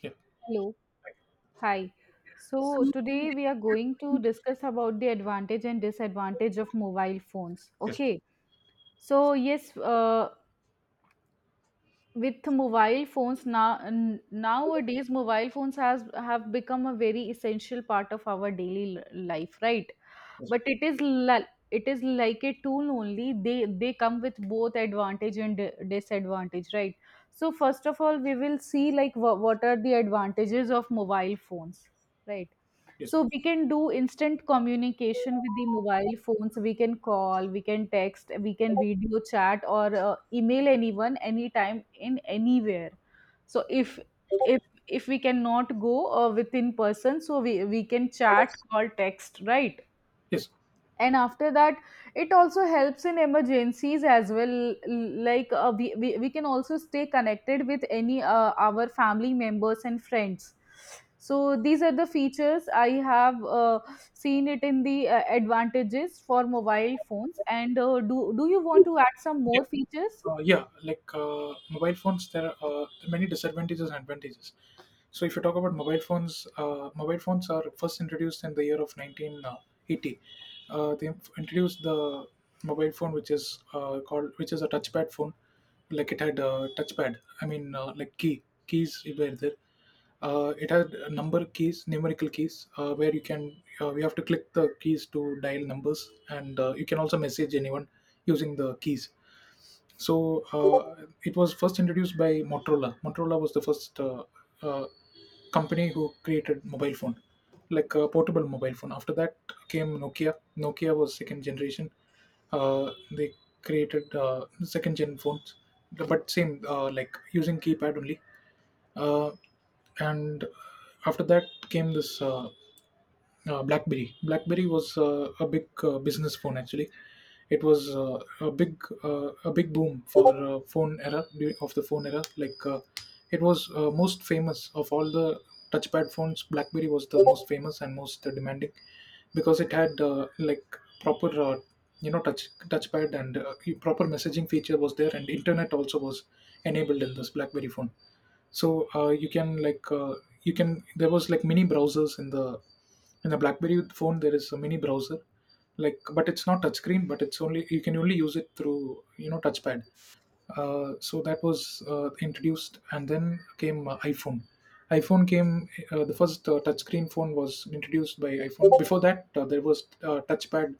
Yeah. Hello. Hi. So today we are going to discuss about the advantage and disadvantage of mobile phones. Yes, Okay. So yes, with mobile phones now nowadays, mobile phones has have become a very essential part of our daily life, right? But it is it is like a tool only. They come with both advantage and disadvantage, right? So first of all, we will see like what are the advantages of mobile phones, right? yes, So we can do instant communication with the mobile phones. We can call, we can text, we can video chat or email anyone, anytime, in anywhere. So if if we cannot go within person, so we can chat, call, text, right. yes. And after that, it also helps in emergencies as well, like uh, we can also stay connected with any our family members and friends. So these are the features I have seen it in the advantages for mobile phones. And do you want to add some more features? Mobile phones, there are many disadvantages and advantages. So if you talk about mobile phones are first introduced in the year of 1980. Introduced the mobile phone, which is called, which is a touchpad phone. Like it had a touchpad. I mean, like keys were there. It had a number keys, numerical keys, where you have to click the keys to dial numbers, and you can also message anyone using the keys. So it was first introduced by Motorola. Motorola was the first uh, company who created mobile phone, like a portable mobile phone. After that came Nokia. Nokia was second generation. They created second gen phones, but same like using keypad only. Uh, and after that came this blackberry. Blackberry was a big business phone actually. It was a big boom for of the phone era. Like it was most famous of all the touchpad phones. Blackberry was the most famous and most demanding because it had like proper touchpad, and proper messaging feature was there, and internet also was enabled in this blackberry phone. So you can like you can, there was like mini browsers in the blackberry phone. There is a mini browser, like, but it's not touchscreen, but it's only, you can only use it through, you know, touchpad. So that was introduced, and then came iphone. Iphone came, the first touchscreen phone was introduced by iphone. Before that there was touchpad,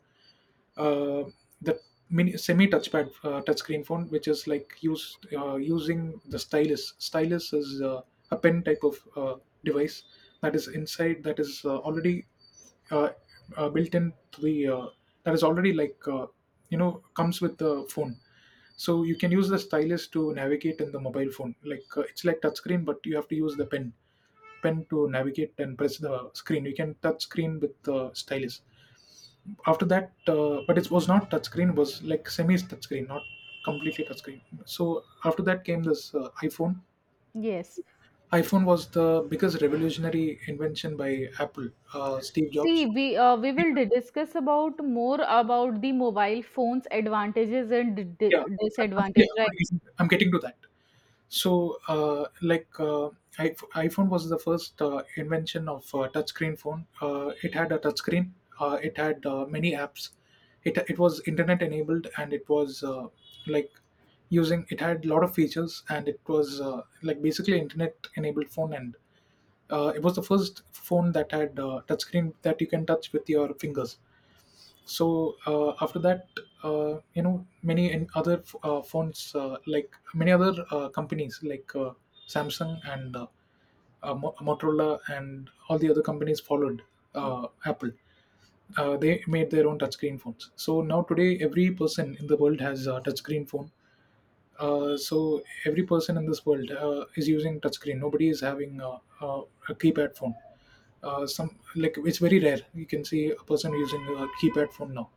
uh, the mini semi touchpad touchscreen phone, which is like used using the stylus. Stylus is a pen type of device that is inside, that is already uh, built in to the, that is already like, you know, comes with the phone. So you can use the stylus to navigate in the mobile phone. Like it's like touchscreen, but you have to use the pen to navigate and press the screen. You can touch screen with the stylus. After that but it was not touchscreen, it was like semi touchscreen, not completely touchscreen. So after that came this iphone. Yes. Iphone was the biggest revolutionary invention by Apple, Steve See, Jobs. We will discuss about more about the mobile phones advantages and yeah I'm- disadvantage, right? yeah, I'm getting to that. So, I- iPhone was the first invention of touchscreen phone. It had a touchscreen. It had many apps. It was internet enabled, and it was like using. It had a lot of features, and it was like basically internet enabled phone. And. It was the first phone that had touchscreen that you can touch with your fingers. So after that you know, many and other phones, like many other companies like, Samsung and Motorola, and all the other companies followed Apple. They made their own touchscreen phones. So now today every person in the world has a touchscreen phone. So every person in this world is using touchscreen. Nobody is having a keypad phone. Some, like, it's very rare you can see a person using a keypad phone now.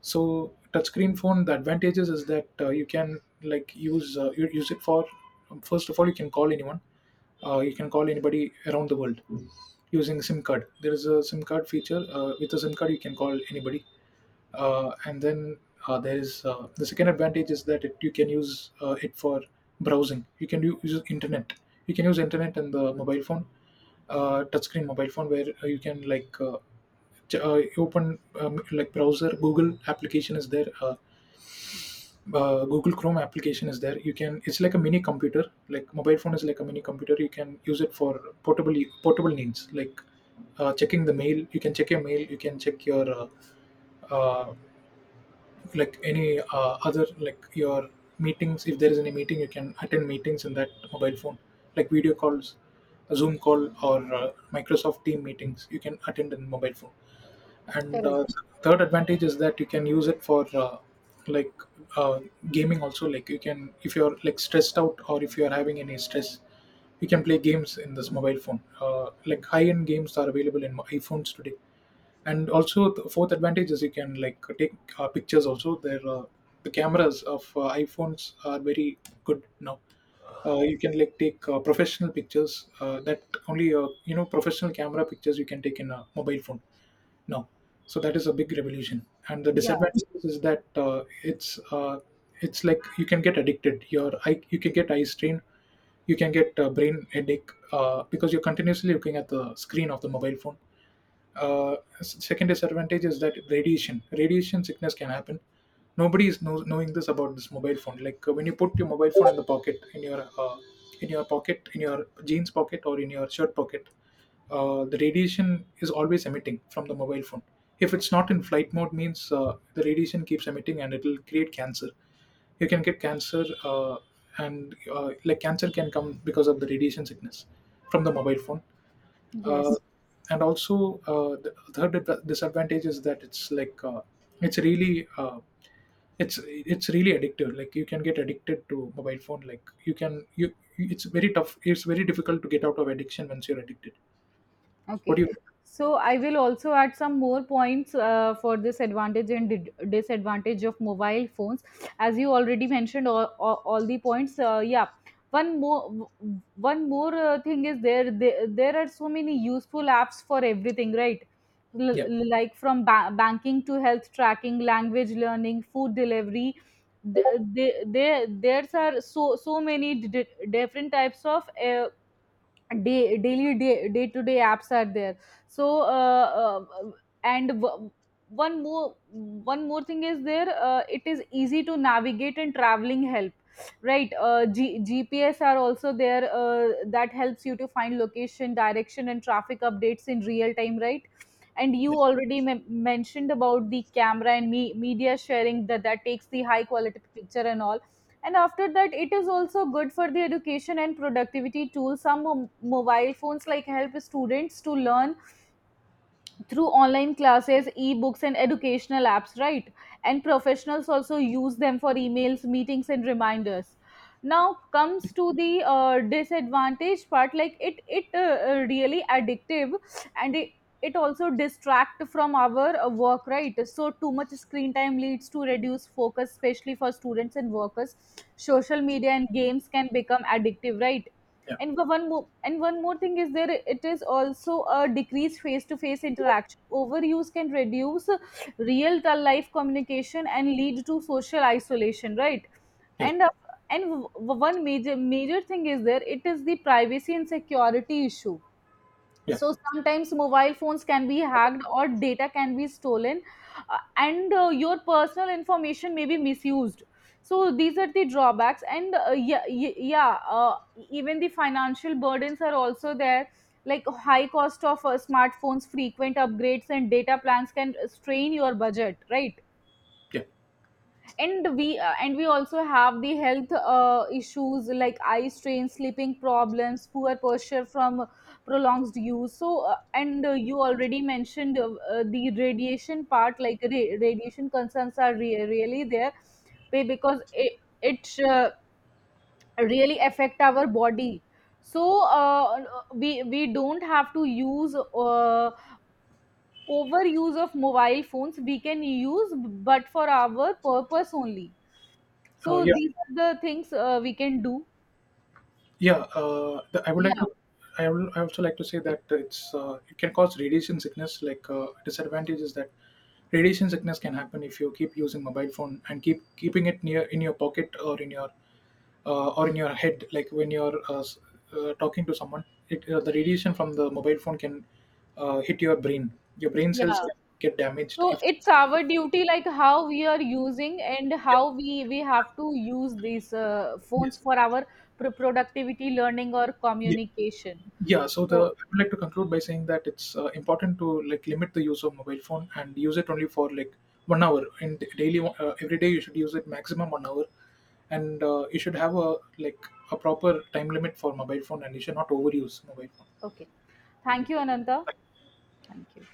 So touchscreen phone, the advantages is that you can like use you use it for, first of all, you can call anyone. You can call anybody around the world using sim card. There is a sim card feature. With a sim card you can call anybody. And then there is the second advantage is that it, you can use it for browsing. You can use internet. You can use internet and the mobile phone, touchscreen mobile phone, where you can, like, open, like browser. Google application is there. Google chrome application is there. You can, it's like a mini computer, like mobile phone is like a mini computer. You can use it for portable, portable needs like checking the mail. You can check your mail. You can check your uh, like any other like your meetings. If there is any meeting you can attend meetings in that mobile phone, like video calls, a zoom call or Microsoft team meetings you can attend in mobile phone. And Correct. third advantage is that you can use it for like uh, gaming also. Like you can, if you're like stressed out or if you're having any stress, you can play games in this mobile phone, like high-end games are available in iphones today. And also the fourth advantage is you can like take pictures also. There the cameras of iphones are very good now. You can like take professional pictures, that only, you know, professional camera pictures you can take in a mobile phone now. So that is a big revolution. And the Yeah. disadvantage is that it's like you can get addicted. Your eye, you can get eye strain. You can get brain headache, because you're continuously looking at the screen of the mobile phone. Second disadvantage is that radiation, radiation sickness can happen. Nobody is knowing this, about this mobile phone. Like when you put your mobile phone in the pocket, in your pocket in your jeans pocket or in your shirt pocket, the radiation is always emitting from the mobile phone. If it's not in flight mode, means the radiation keeps emitting and it will create cancer. You can get cancer, and like cancer can come because of the radiation sickness from the mobile phone. uh, Yes. and also the third disadvantage is that it's like, it's really uh, it's really addictive. Like you can get addicted to mobile phone. Like you can, you, it's very tough, it's very difficult to get out of addiction once you're addicted. What Okay. do you. So I will also add some more points for this advantage and disadvantage of mobile phones. As you already mentioned all the points, yeah. One more one more thing is there, are so many useful apps for everything, right? Yeah. Like from banking to health tracking, language learning, food delivery. There's are so many different types of day to day apps are there. So and one more thing is there, it is easy to navigate and traveling help, right. Uh, gps are also there that helps you to find location, direction, and traffic updates in real time, right. And you Yeah. already mentioned about the camera and media sharing, that takes the high quality picture and all. And after that, it is also good for the education and productivity tools. Some mobile phones like help students to learn through online classes, e-books, and educational apps, right? And professionals also use them for emails, meetings, and reminders. Now comes to the disadvantage part, like it really addictive, and it also distract from our work, right? So too much screen time leads to reduced focus, especially for students and workers. Social media and games can become addictive, right? Yeah. And the one more and one more thing is there, it is also a decreased face-to-face interaction. Overuse can reduce real life communication and lead to social isolation, right. Yes. And and one major thing is there, it is the privacy and security issue. Yeah. So sometimes mobile phones can be hacked or data can be stolen, and your personal information may be misused. So these are the drawbacks, and yeah, even the financial burdens are also there. Like high cost of smartphones, frequent upgrades, and data plans can strain your budget, right? Yeah. And we and we also have the health issues like eye strain, sleeping problems, poor posture from prolonged use. So and you already mentioned the radiation part, like radiation concerns are really there, because it really affect our body. So we don't have to use overuse of mobile phones. We can use, but for our purpose only. So Yeah. these are the things we can do. I would like Yeah, to. I would, I also like to say that it's it can cause radiation sickness. Like disadvantage is that radiation sickness can happen if you keep using mobile phone and keep keeping it near in your pocket or in your head. Like when you're talking to someone, it, the radiation from the mobile phone can hit your brain. Your brain cells yeah. can get damaged So if. it's our duty, like how we are using and how we have to use these Yeah, phones for our productivity, learning, or yes. communication. Yeah, so the, So I would like to conclude by saying that it's important to like limit the use of mobile phone and use it only for like 1 hour. And daily, every day you should use it, maximum 1 hour. And you should have a like a proper time limit for mobile phone, and you should not overuse mobile phone. okay, thank you, Ananta. Thank you.